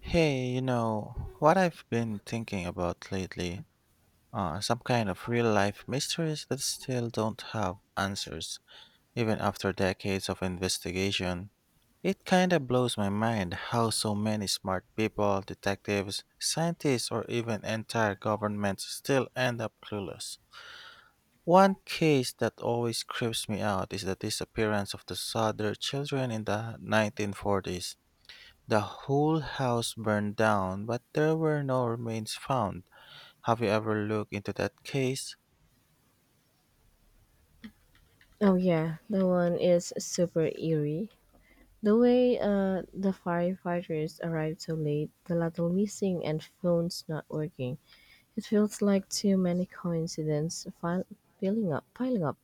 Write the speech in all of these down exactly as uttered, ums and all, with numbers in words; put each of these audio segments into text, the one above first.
Hey, you know, what I've been thinking about lately uh, are some kind of real life mysteries that still don't have answers, even after decades of investigation. It kinda blows my mind how so many smart people, detectives, scientists, or even entire governments still end up clueless. One case that always creeps me out is the disappearance of the Sutter children in the nineteen forties. The whole house burned down, but there were no remains found. Have you ever looked into that case? Oh yeah, that one is super eerie. The way uh, the firefighters arrived so late, the ladle missing, and phones not working. It feels like too many coincidences fil- piling up. Piling up.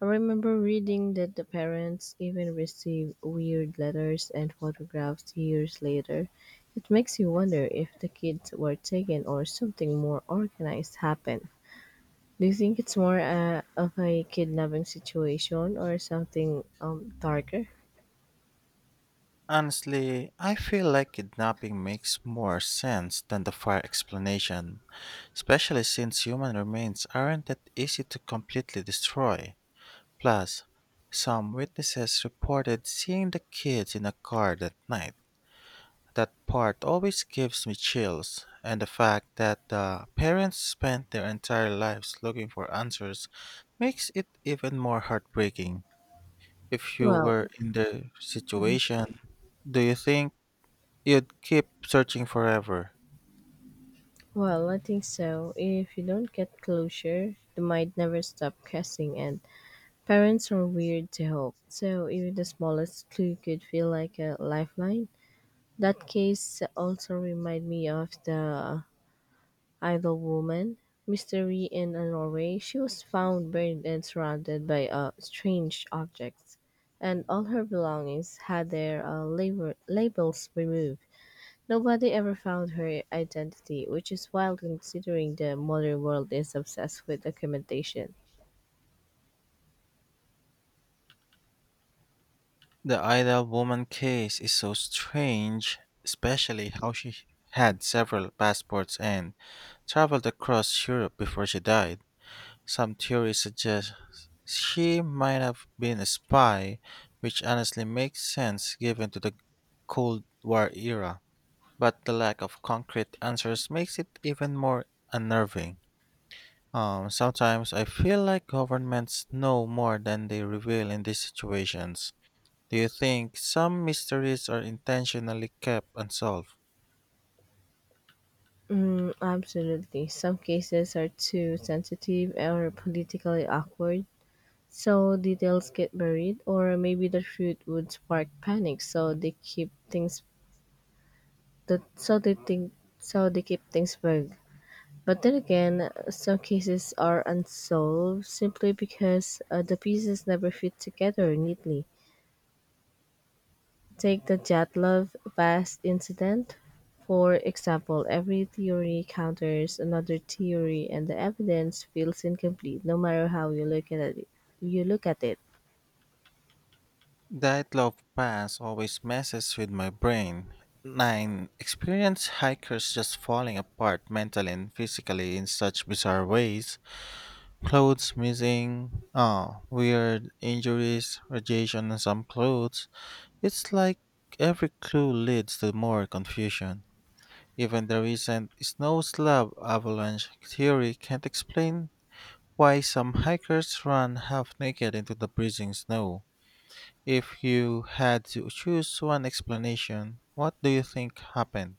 I remember reading that the parents even received weird letters and photographs years later. It makes you wonder if the kids were taken or something more organized happened. Do you think it's more uh, of a kidnapping situation or something um darker? Honestly, I feel like kidnapping makes more sense than the fire explanation, especially since human remains aren't that easy to completely destroy. Plus, some witnesses reported seeing the kids in a car that night. That part always gives me chills, and the fact that the parents spent their entire lives looking for answers makes it even more heartbreaking. If you Well, were in their situation, do you think you'd keep searching forever? well, I think so. If you don't get closure, they might never stop guessing, and parents are weird to hope. So even the smallest clue could feel like a lifeline. That case also remind me of the Idle Woman, Mystery in a Norway, she was found buried and surrounded by uh, strange objects, and all her belongings had their uh, label- labels removed. Nobody ever found her identity, which is wild considering the modern world is obsessed with documentation. The idle woman case is so strange, especially how she had several passports and traveled across Europe before she died. Some theories suggest she might have been a spy, which honestly makes sense given to the Cold War era. But the lack of concrete answers makes it even more unnerving. Um, sometimes I feel like governments know more than they reveal in these situations. Do you think some mysteries are intentionally kept unsolved? Mm, absolutely. Some cases are too sensitive or politically awkward, so details get buried, or maybe the truth would spark panic, so they keep things That so they think so they keep things vague. But then again, some cases are unsolved simply because uh, the pieces never fit together neatly. Take the Jatlov Vast incident. For example, every theory counters another theory and the evidence feels incomplete no matter how you look at it you look at it. That love pass always messes with my brain. nine. Experience hikers just falling apart mentally and physically in such bizarre ways. Clothes missing, oh, weird injuries, radiation on some clothes. It's like every clue leads to more confusion. Even the recent snow slab avalanche theory can't explain why some hikers run half naked into the freezing snow. If you had to choose one explanation, what do you think happened?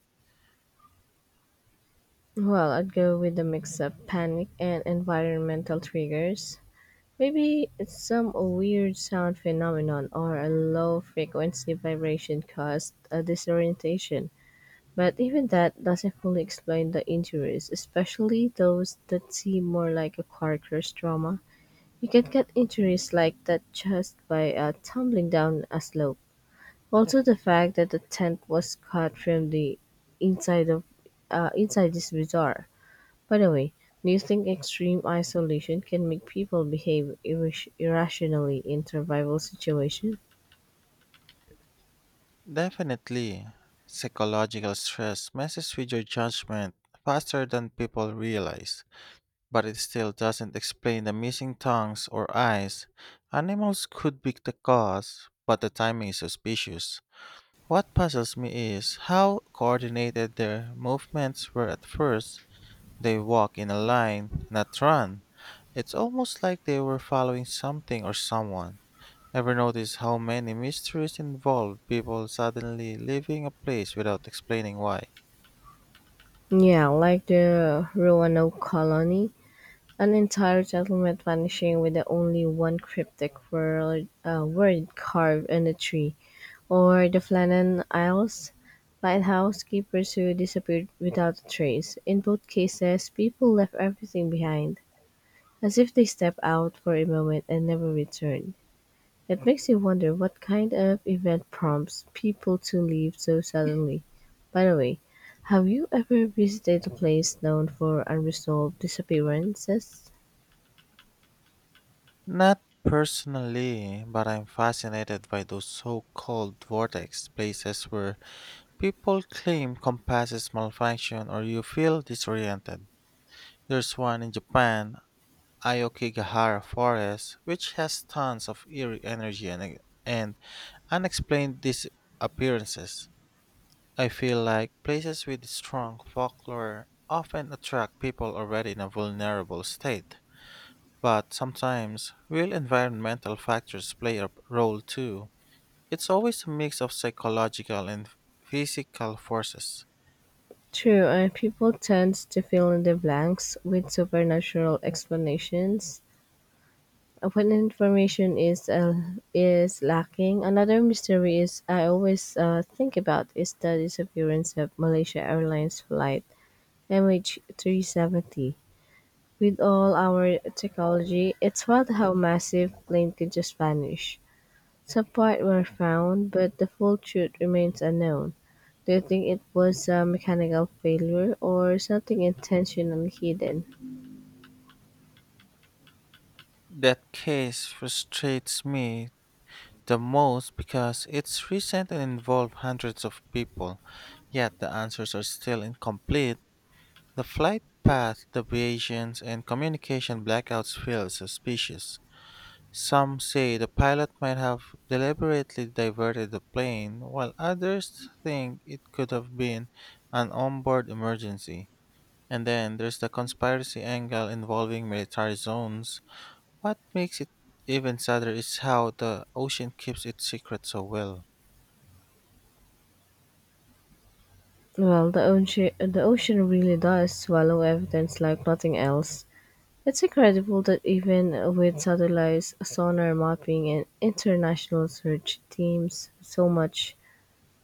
Well, I'd go with a mix of panic and environmental triggers. Maybe it's some weird sound phenomenon or a low frequency vibration caused a disorientation. But even that doesn't fully explain the injuries, especially those that seem more like a car crash trauma. You can get injuries like that just by uh, tumbling down a slope. Also, the fact that the tent was cut from the inside of uh, inside is bizarre. By the way, do you think extreme isolation can make people behave irras- irrationally in survival situations? Definitely, psychological stress messes with your judgment faster than people realize, but it still doesn't explain the missing tongues or eyes. Animals could be the cause, but the timing is suspicious. What puzzles me is how coordinated their movements were at first. They walk in a line, not run. It's almost like they were following something or someone. Ever notice how many mysteries involve people suddenly leaving a place without explaining why? Yeah, like the Roanoke colony, an entire settlement vanishing with the only one cryptic word, uh, word carved on a tree, or the Flannan Isles lighthouse keepers who disappeared without a trace. In both cases, people left everything behind, as if they stepped out for a moment and never returned. It makes you wonder what kind of event prompts people to leave so suddenly. By the way, have you ever visited a place known for unresolved disappearances? Not personally, but I'm fascinated by those so called vortex places where people claim compasses malfunction or you feel disoriented. There's one in Japan, Ayokigahara Forest, which has tons of eerie energy and, and unexplained disappearances. I feel like places with strong folklore often attract people already in a vulnerable state, but sometimes real environmental factors play a role too. It's always a mix of psychological and physical forces. True, and people tend to fill in the blanks with supernatural explanations. Uh, When information is uh, is lacking, another mystery is I always uh, think about is the disappearance of Malaysia Airlines flight M H three seventy. With all our technology, it's wild how massive plane can just vanish. Some part were found, but the full truth remains unknown. Do you think it was a mechanical failure or something intentionally hidden? That case frustrates me the most because it's recent and involved hundreds of people, yet the answers are still incomplete. The flight path deviations and communication blackouts feel suspicious. Some say the pilot might have deliberately diverted the plane, while others think it could have been an onboard emergency. And then there's the conspiracy angle involving military zones. What makes it even sadder is how the ocean keeps its secret so well. Well, the ocean, the ocean really does swallow evidence like nothing else. It's incredible that even with satellites, sonar mapping, and international search teams, so much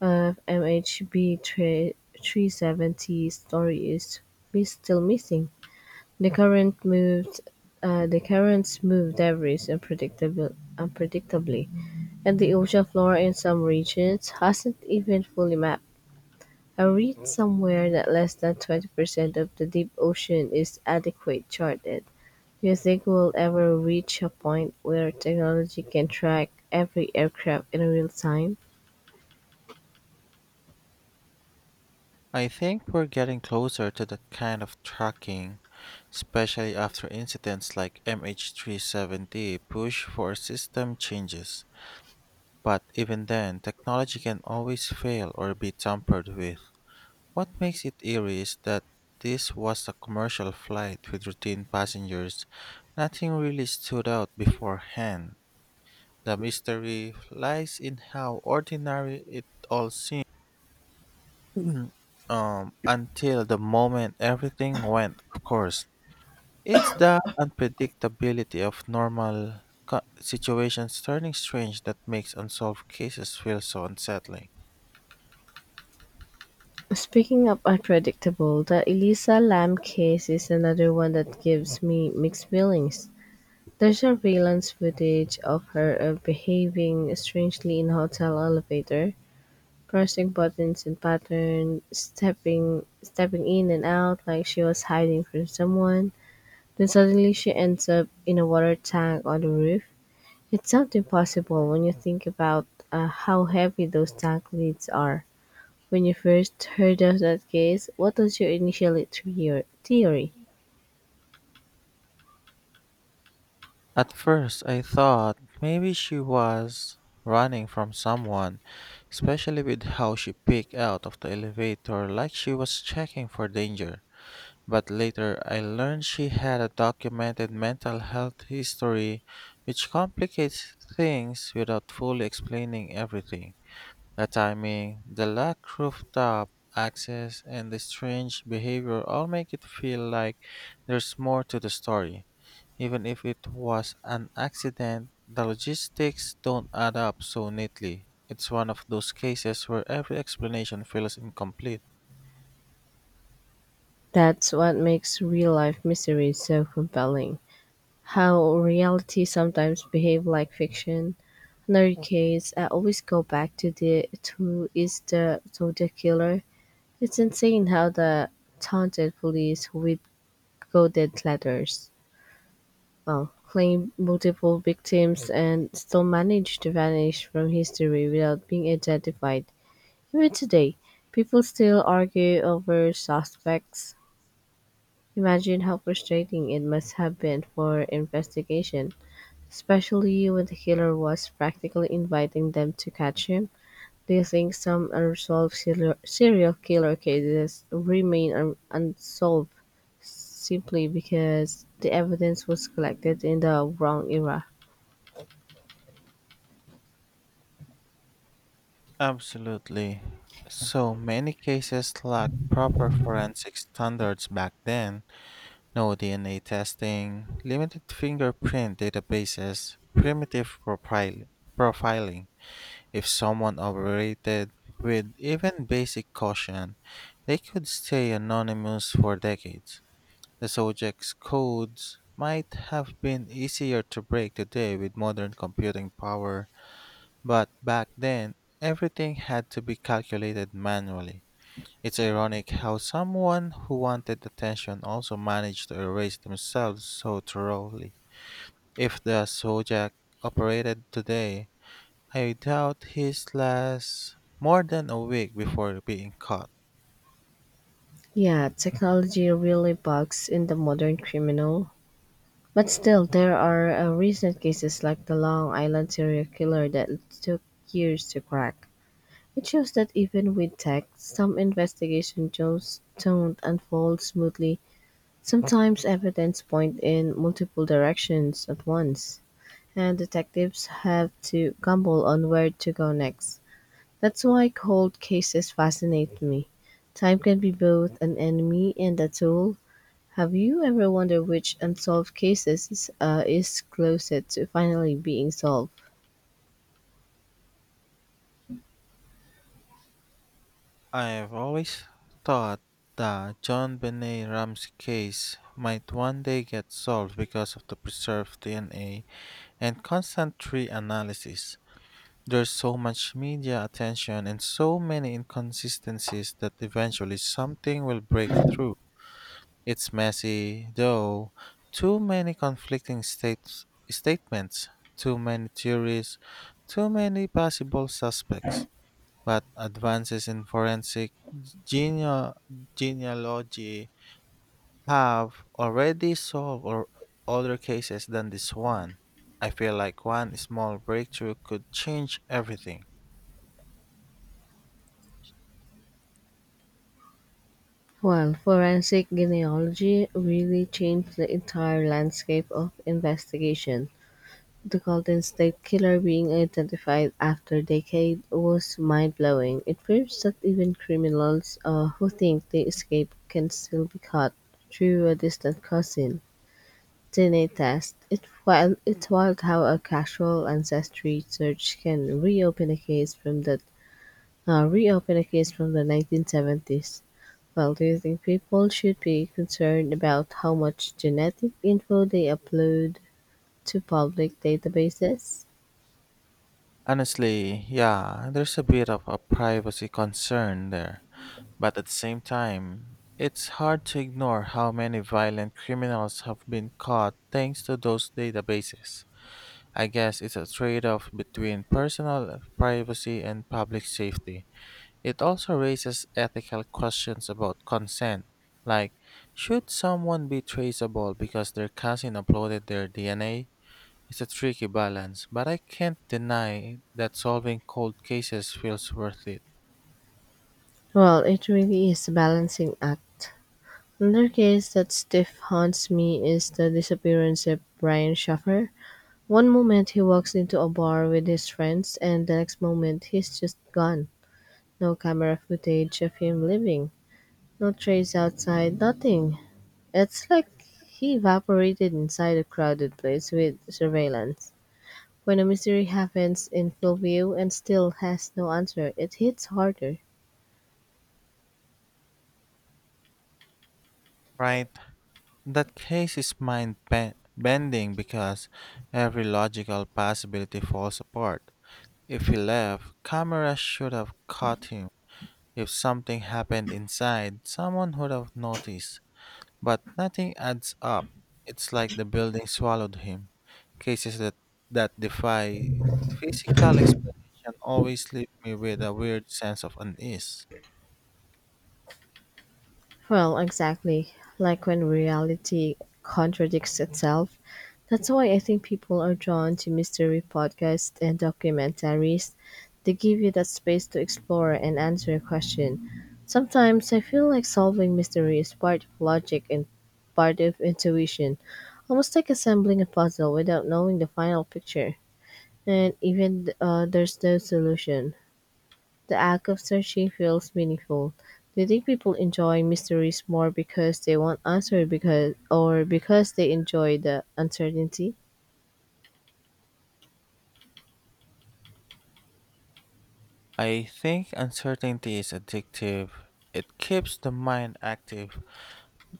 of M H B three three seventy story is mis- still missing. The current moved uh, the currents move debris unpredictable, unpredictably, and the ocean floor in some regions hasn't even fully mapped. I read somewhere that less than twenty percent of the deep ocean is adequate charted. Do you think we'll ever reach a point where technology can track every aircraft in real time? I think we're getting closer to that kind of tracking, especially after incidents like M H three seventy push for system changes. But even then, technology can always fail or be tampered with. What makes it eerie is that this was a commercial flight with routine passengers. Nothing really stood out beforehand. The mystery lies in how ordinary it all. Mhm. Um, until the moment everything went, of course. It's the unpredictability of normal co- situations turning strange that makes unsolved cases feel so unsettling. Speaking of unpredictable, the Elisa Lam case is another one that gives me mixed feelings. There's surveillance footage of her uh, behaving strangely in hotel elevator, pressing buttons in pattern, stepping stepping in and out like she was hiding from someone. Then suddenly she ends up in a water tank on the roof. It's not impossible when you think about uh, how heavy those tank lids are. When you first heard of that case, what was your initial theor- theory? At first, I thought maybe she was running from someone, especially with how she peeked out of the elevator like she was checking for danger. But later I learned she had a documented mental health history, which complicates things without fully explaining everything. The timing, the lack rooftop access, and the strange behavior all make it feel like there's more to the story. Even if it was an accident, the logistics don't add up so neatly. It's one of those cases where every explanation feels incomplete. That's what makes real life mysteries so compelling. How reality sometimes behave like fiction. Another case I always go back to the to is the to the killer. It's insane how the taunted police with coded letters well, claim multiple victims and still manage to vanish from history without being identified. Even today, people still argue over suspects. Imagine how frustrating it must have been for investigation, especially when the killer was practically inviting them to catch him. Do you think some unresolved serial serial killer cases remain un- unsolved simply because the evidence was collected in the wrong era? Absolutely. So many cases lacked proper forensic standards back then. No D N A testing, limited fingerprint databases, primitive profil- profiling. If someone operated with even basic caution, they could stay anonymous for decades. The subject's codes might have been easier to break today with modern computing power, but back then, everything had to be calculated manually. It's ironic how someone who wanted attention also managed to erase themselves so thoroughly. If the Sojak operated today, I doubt he's lasts more than a week before being caught. Yeah, technology really bugs in the modern criminal. But still, there are uh, recent cases like the Long Island serial killer that took years to crack. It shows that even with tech, some investigation just don't unfold smoothly. Sometimes evidence point in multiple directions at once, and detectives have to gamble on where to go next. That's why cold cases fascinate me. Time can be both an enemy and a tool have you ever wondered which unsolved cases uh, is closest to finally being solved? I've always thought that John Benet Ram's case might one day get solved because of the preserved D N A and constant tree analysis. There's so much media attention and so many inconsistencies that eventually something will break through. It's messy, though. Too many conflicting states, statements, too many theories, too many possible suspects. But advances in forensic genea- genealogy have already solved or other cases than this one. I feel like one small breakthrough could change everything. Well, forensic genealogy really changed the entire landscape of investigation. The Golden State Killer being identified after decade was mind-blowing. It proves that even criminals uh, who think they escaped can still be caught through a distant cousin. D N A test, it wild, it's wild how a casual ancestry search can reopen a case from the uh, reopen a case from the nineteen seventies. Well, do you think people should be concerned about how much genetic info they upload to public databases? Honestly, yeah, there's a bit of a privacy concern there, but at the same time, it's hard to ignore how many violent criminals have been caught thanks to those databases. I guess it's a trade off between personal privacy and public safety. It also raises ethical questions about consent, like should someone be traceable because their cousin uploaded their D N A? It's a tricky balance, but I can't deny that solving cold cases feels worth it. Well, it really is a balancing act. Another case that stiff haunts me is the disappearance of Brian Schaffer, one moment he walks into a bar with his friends and the next moment he's just gone. No camera footage of him leaving. No trace outside, nothing. It's like he evaporated inside a crowded place with surveillance. When a mystery happens in full view and still has no answer, it hits harder. Right? That case is mind ben- bending because every logical possibility falls apart. If he left, cameras should have caught him. If something happened inside, someone would have noticed. But nothing adds up. It's like the building swallowed him. Cases that, that defy physical explanation always leave me with a weird sense of unease. Well, exactly. Like when reality contradicts itself. That's why I think people are drawn to mystery podcasts and documentaries. They give you that space to explore and answer a question. Sometimes I feel like solving mystery is part of logic and part of intuition, almost like assembling a puzzle without knowing the final picture. And even uh, there's no solution. The act of searching feels meaningful. Do you think people enjoy mysteries more because they want answer because or because they enjoy the uncertainty? I think uncertainty is addictive. It keeps the mind active,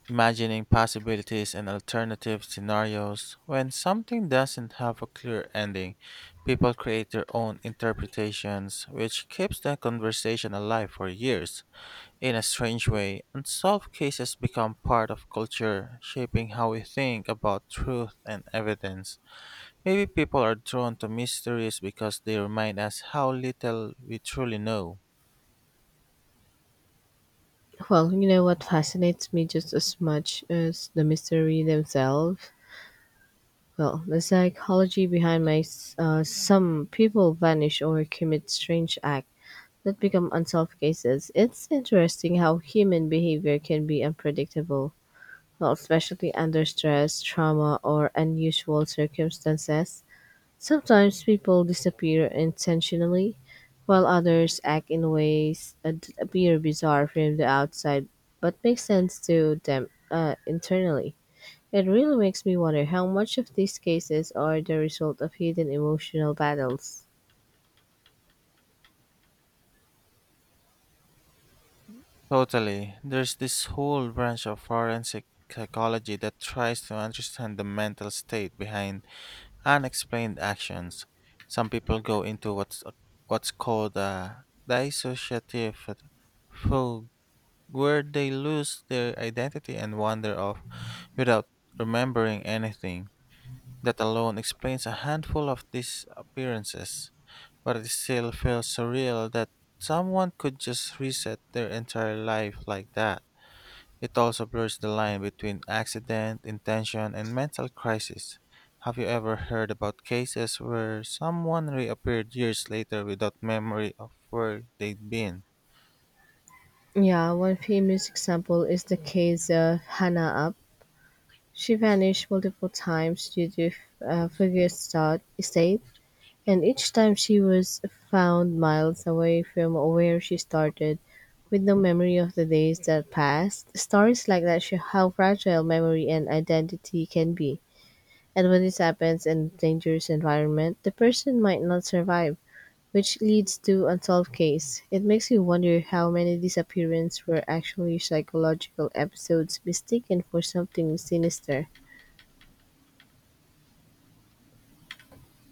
imagining possibilities and alternative scenarios. When something doesn't have a clear ending, people create their own interpretations, which keeps the conversation alive for years. In a strange way, unsolved cases become part of culture, shaping how we think about truth and evidence. Maybe people are drawn to mysteries because they remind us how little we truly know. Well, you know what fascinates me just as much as the mystery themselves. Well, the psychology behind my s- uh, some people vanish or commit strange acts that become unsolved cases. It's interesting how human behavior can be unpredictable, well, especially under stress, trauma, or unusual circumstances. Sometimes people disappear intentionally, while others act in ways that appear bizarre from the outside but make sense to them uh, internally. It really makes me wonder how much of these cases are the result of hidden emotional battles. Totally. There's this whole branch of forensic psychology that tries to understand the mental state behind unexplained actions. Some people go into what's what's called a dissociative where they lose their identity and wander off without remembering anything. That alone explains a handful of these appearances, but it still feels surreal that someone could just reset their entire life like that. It also blurs the line between accident, intention, and mental crisis. Have you ever heard about cases where someone reappeared years later without memory of where they'd been? Yeah, one famous example is the case of Hannah Up. She vanished multiple times due to uh, Fugue's thought state, and each time she was found miles away from where she started. With no memory of the days that passed, stories like that show how fragile memory and identity can be. And when this happens in a dangerous environment, the person might not survive, which leads to unsolved case. It makes you wonder how many disappearances were actually psychological episodes mistaken for something sinister.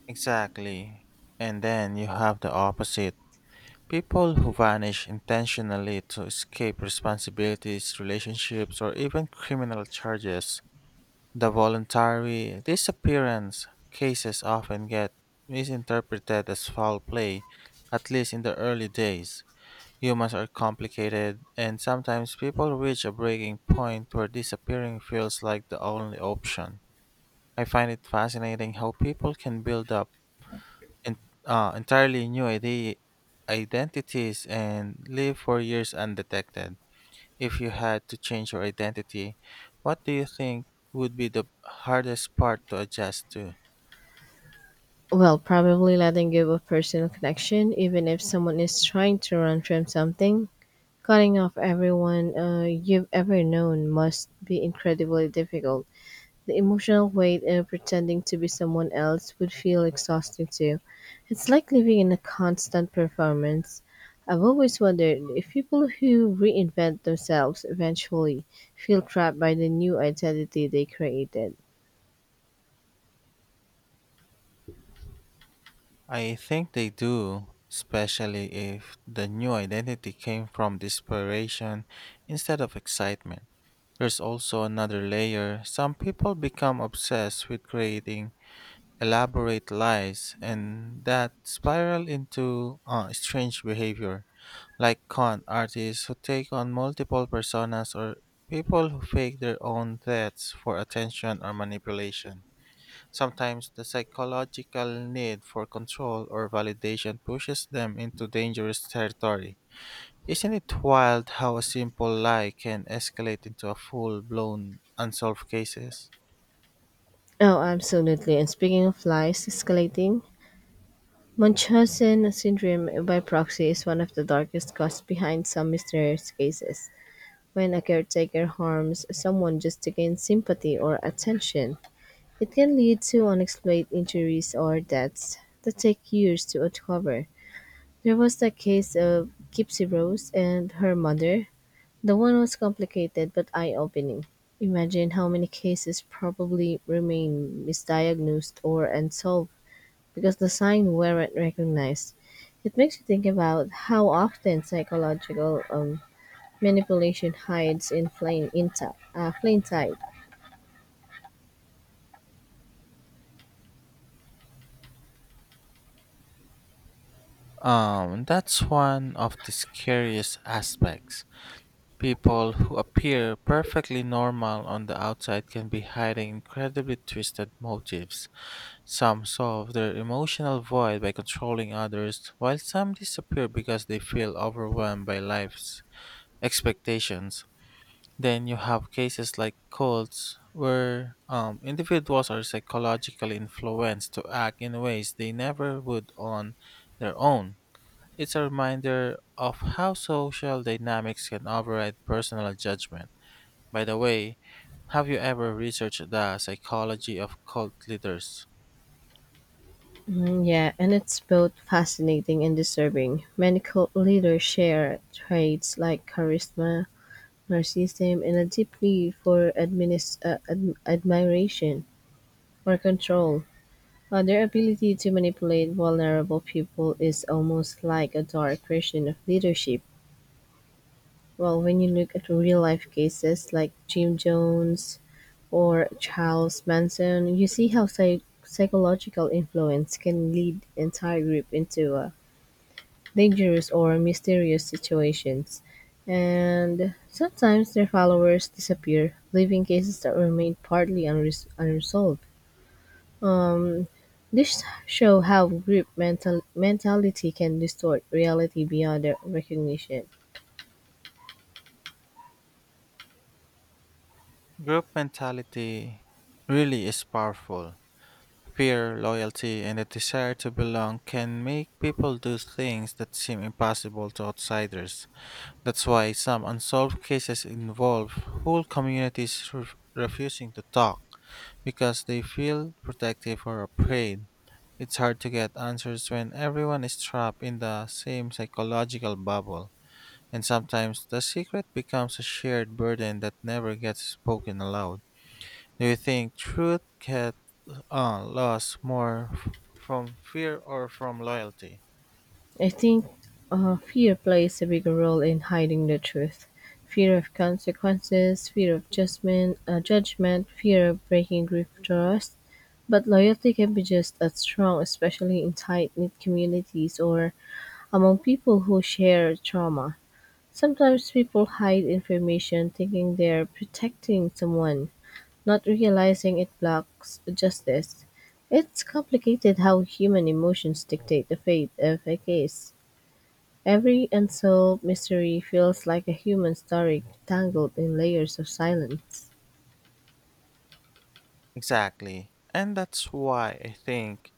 Exactly. And then you have the opposite. People who vanish intentionally to escape responsibilities, relationships, or even criminal charges. The voluntary disappearance cases often get misinterpreted as foul play, at least in the early days. Humans are complicated, and sometimes people reach a breaking point where disappearing feels like the only option. I find it fascinating how people can build up en- uh, entirely new ide- identities and live for years undetected. If you had to change your identity, what do you think would be the hardest part to adjust to? Well, probably letting go of personal connection, even if someone is trying to run from something, cutting off everyone uh, you've ever known must be incredibly difficult. The emotional weight of pretending to be someone else would feel exhausting too. It's like living in a constant performance. I've always wondered if people who reinvent themselves eventually feel trapped by the new identity they created. I think they do, especially if the new identity came from desperation instead of excitement. There's also another layer. Some people become obsessed with creating elaborate lies, and that spiral into uh, strange behavior, like con artists who take on multiple personas or people who fake their own deaths for attention or manipulation. Sometimes the psychological need for control or validation pushes them into dangerous territory. Isn't it wild how a simple lie can escalate into a full blown unsolved cases? Oh, absolutely. And speaking of lies escalating, Munchausen syndrome by proxy is one of the darkest causes behind some mysterious cases. When a caretaker harms someone just to gain sympathy or attention, it can lead to unexplained injuries or deaths that take years to uncover. There was the case of Gypsy Rose and her mother. The one was complicated but eye opening. Imagine how many cases probably remain misdiagnosed or unsolved because the signs weren't recognized. It makes you think about how often psychological um, manipulation hides in plain inti- uh, plain sight. Um, that's one of the scariest aspects. People who appear perfectly normal on the outside can be hiding incredibly twisted motives. Some solve their emotional void by controlling others, while some disappear because they feel overwhelmed by life's expectations. Then you have cases like cults where um, individuals are psychologically influenced to act in ways they never would on their own. It's a reminder of how social dynamics can override personal judgment. By the way, have you ever researched the psychology of cult leaders? Mm, yeah, and it's both fascinating and disturbing. Many cult leaders share traits like charisma, narcissism, and a deep need for adminis- uh, ad- admiration or control. Uh, their ability to manipulate vulnerable people is almost like a dark version of leadership. Well, when you look at real life cases like Jim Jones, or Charles Manson, you see how psych- psychological influence can lead entire group into uh, dangerous or mysterious situations. And sometimes their followers disappear, leaving cases that remain partly unres- unresolved. This show how group mental- mentality can distort reality beyond their recognition. Group mentality really is powerful. Fear, loyalty, and a desire to belong can make people do things that seem impossible to outsiders. That's why some unsolved cases involve whole communities ref- refusing to talk because they feel protective or afraid. It's hard to get answers when everyone is trapped in the same psychological bubble, and sometimes the secret becomes a shared burden that never gets spoken aloud. Do you think truth gets uh, lost more f- from fear or from loyalty? I think uh, fear plays a bigger role in hiding the truth. Fear of consequences, fear of judgment, uh, judgment, fear of breaking group trust. But loyalty can be just as strong, especially in tight knit communities or among people who share trauma. Sometimes people hide information thinking they're protecting someone, not realizing it blocks justice. It's complicated how human emotions dictate the fate of a case. Every unsolved mystery feels like a human story tangled in layers of silence. Exactly. And that's why I think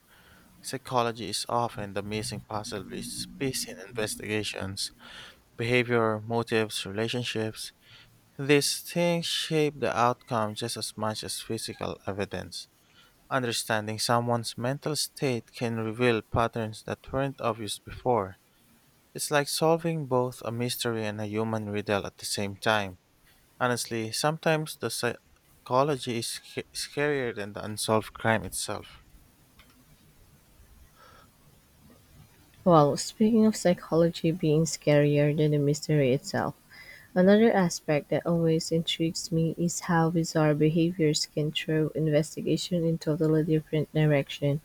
psychology is often the missing puzzle piece piece in investigations. Behavior, motives, relationships, these things shape the outcome just as much as physical evidence. Understanding someone's mental state can reveal patterns that weren't obvious before. It's like solving both a mystery and a human riddle at the same time. Honestly, sometimes the psychology is sc- scarier than the unsolved crime itself. Well, speaking of psychology being scarier than the mystery itself, another aspect that always intrigues me is how bizarre behaviors can throw investigation in totally different direction.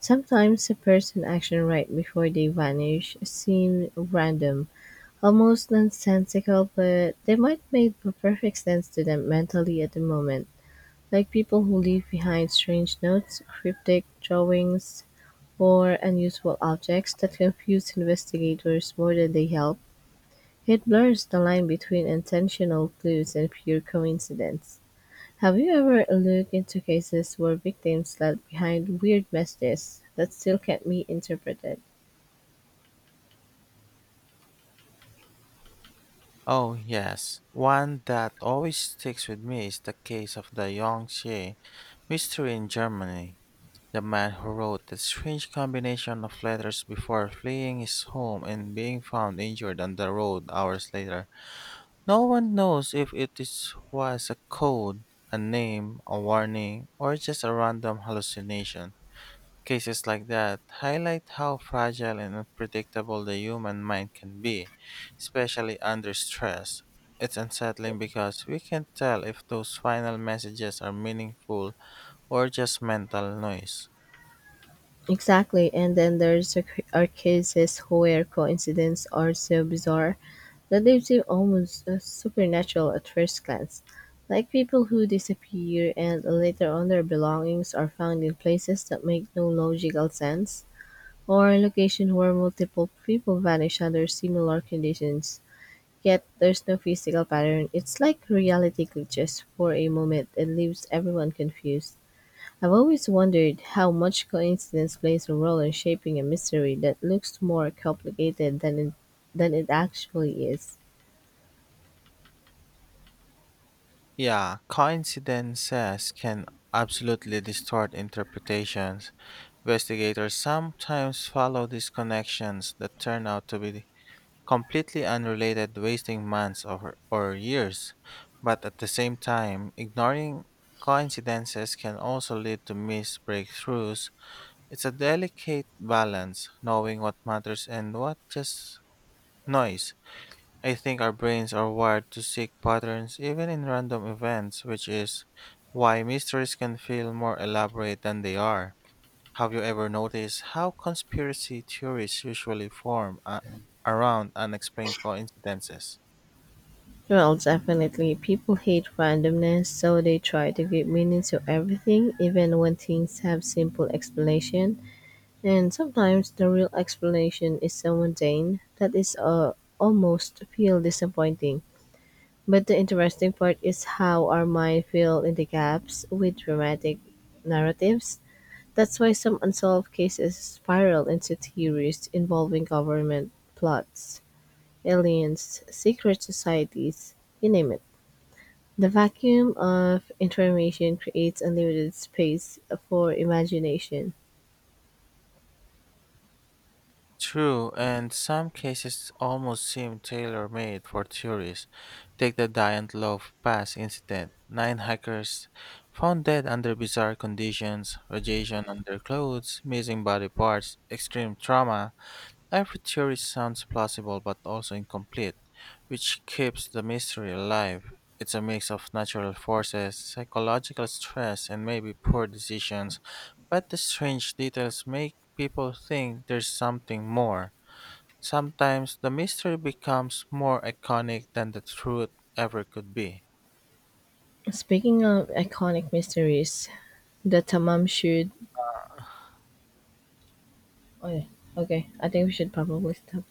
Sometimes a person action right before they vanish seem random, almost nonsensical, but they might make perfect sense to them mentally at the moment. Like people who leave behind strange notes, cryptic drawings, or unusual objects that confuse investigators more than they help, it blurs the line between intentional clues and pure coincidence. Have you ever looked into cases where victims left behind weird messages that still can't be interpreted? Oh, yes. One that always sticks with me is the case of the Yangtze mystery in Germany. The man who wrote that strange combination of letters before fleeing his home and being found injured on the road hours later. No one knows if it is, was a code, a name, a warning, or just a random hallucination. Cases like that highlight how fragile and unpredictable the human mind can be, especially under stress. It's unsettling because we can't tell if those final messages are meaningful or just mental noise. Exactly, and then there's are cases where coincidences are so bizarre that they live seem almost uh, supernatural at first glance, like people who disappear and later on their belongings are found in places that make no logical sense, or location where multiple people vanish under similar conditions. Yet there's no physical pattern. It's like reality glitches for a moment and leaves everyone confused. I've always wondered how much coincidence plays a role in shaping a mystery that looks more complicated than it, than it actually is. Yeah, coincidences can absolutely distort interpretations. Investigators sometimes follow these connections that turn out to be completely unrelated, wasting months or, or years. But at the same time, ignoring coincidences can also lead to missed breakthroughs. It's a delicate balance, knowing what matters and what just noise. I think our brains are wired to seek patterns even in random events, which is why mysteries can feel more elaborate than they are. Have you ever noticed how conspiracy theories usually form a- around unexplained coincidences? Well, definitely. People hate randomness, so they try to give meaning to everything, even when things have simple explanation. And sometimes the real explanation is so mundane that is uh, almost feel disappointing. But the interesting part is how our mind fill in the gaps with dramatic narratives. That's why some unsolved cases spiral into theories involving government plots, aliens, secret societies, you name it. The vacuum of information creates unlimited space for imagination. True, and some cases almost seem tailor made for theories. Take the Giant Love Pass incident. Nine hikers found dead under bizarre conditions, radiation under clothes, missing body parts, extreme trauma. Every theory sounds plausible but also incomplete, which keeps the mystery alive. It's a mix of natural forces, psychological stress, and maybe poor decisions, but the strange details make people think there's something more. Sometimes the mystery becomes more iconic than the truth ever could be. Speaking of iconic mysteries, the Tamam should. Oh, yeah. Okay, I think we should probably stop.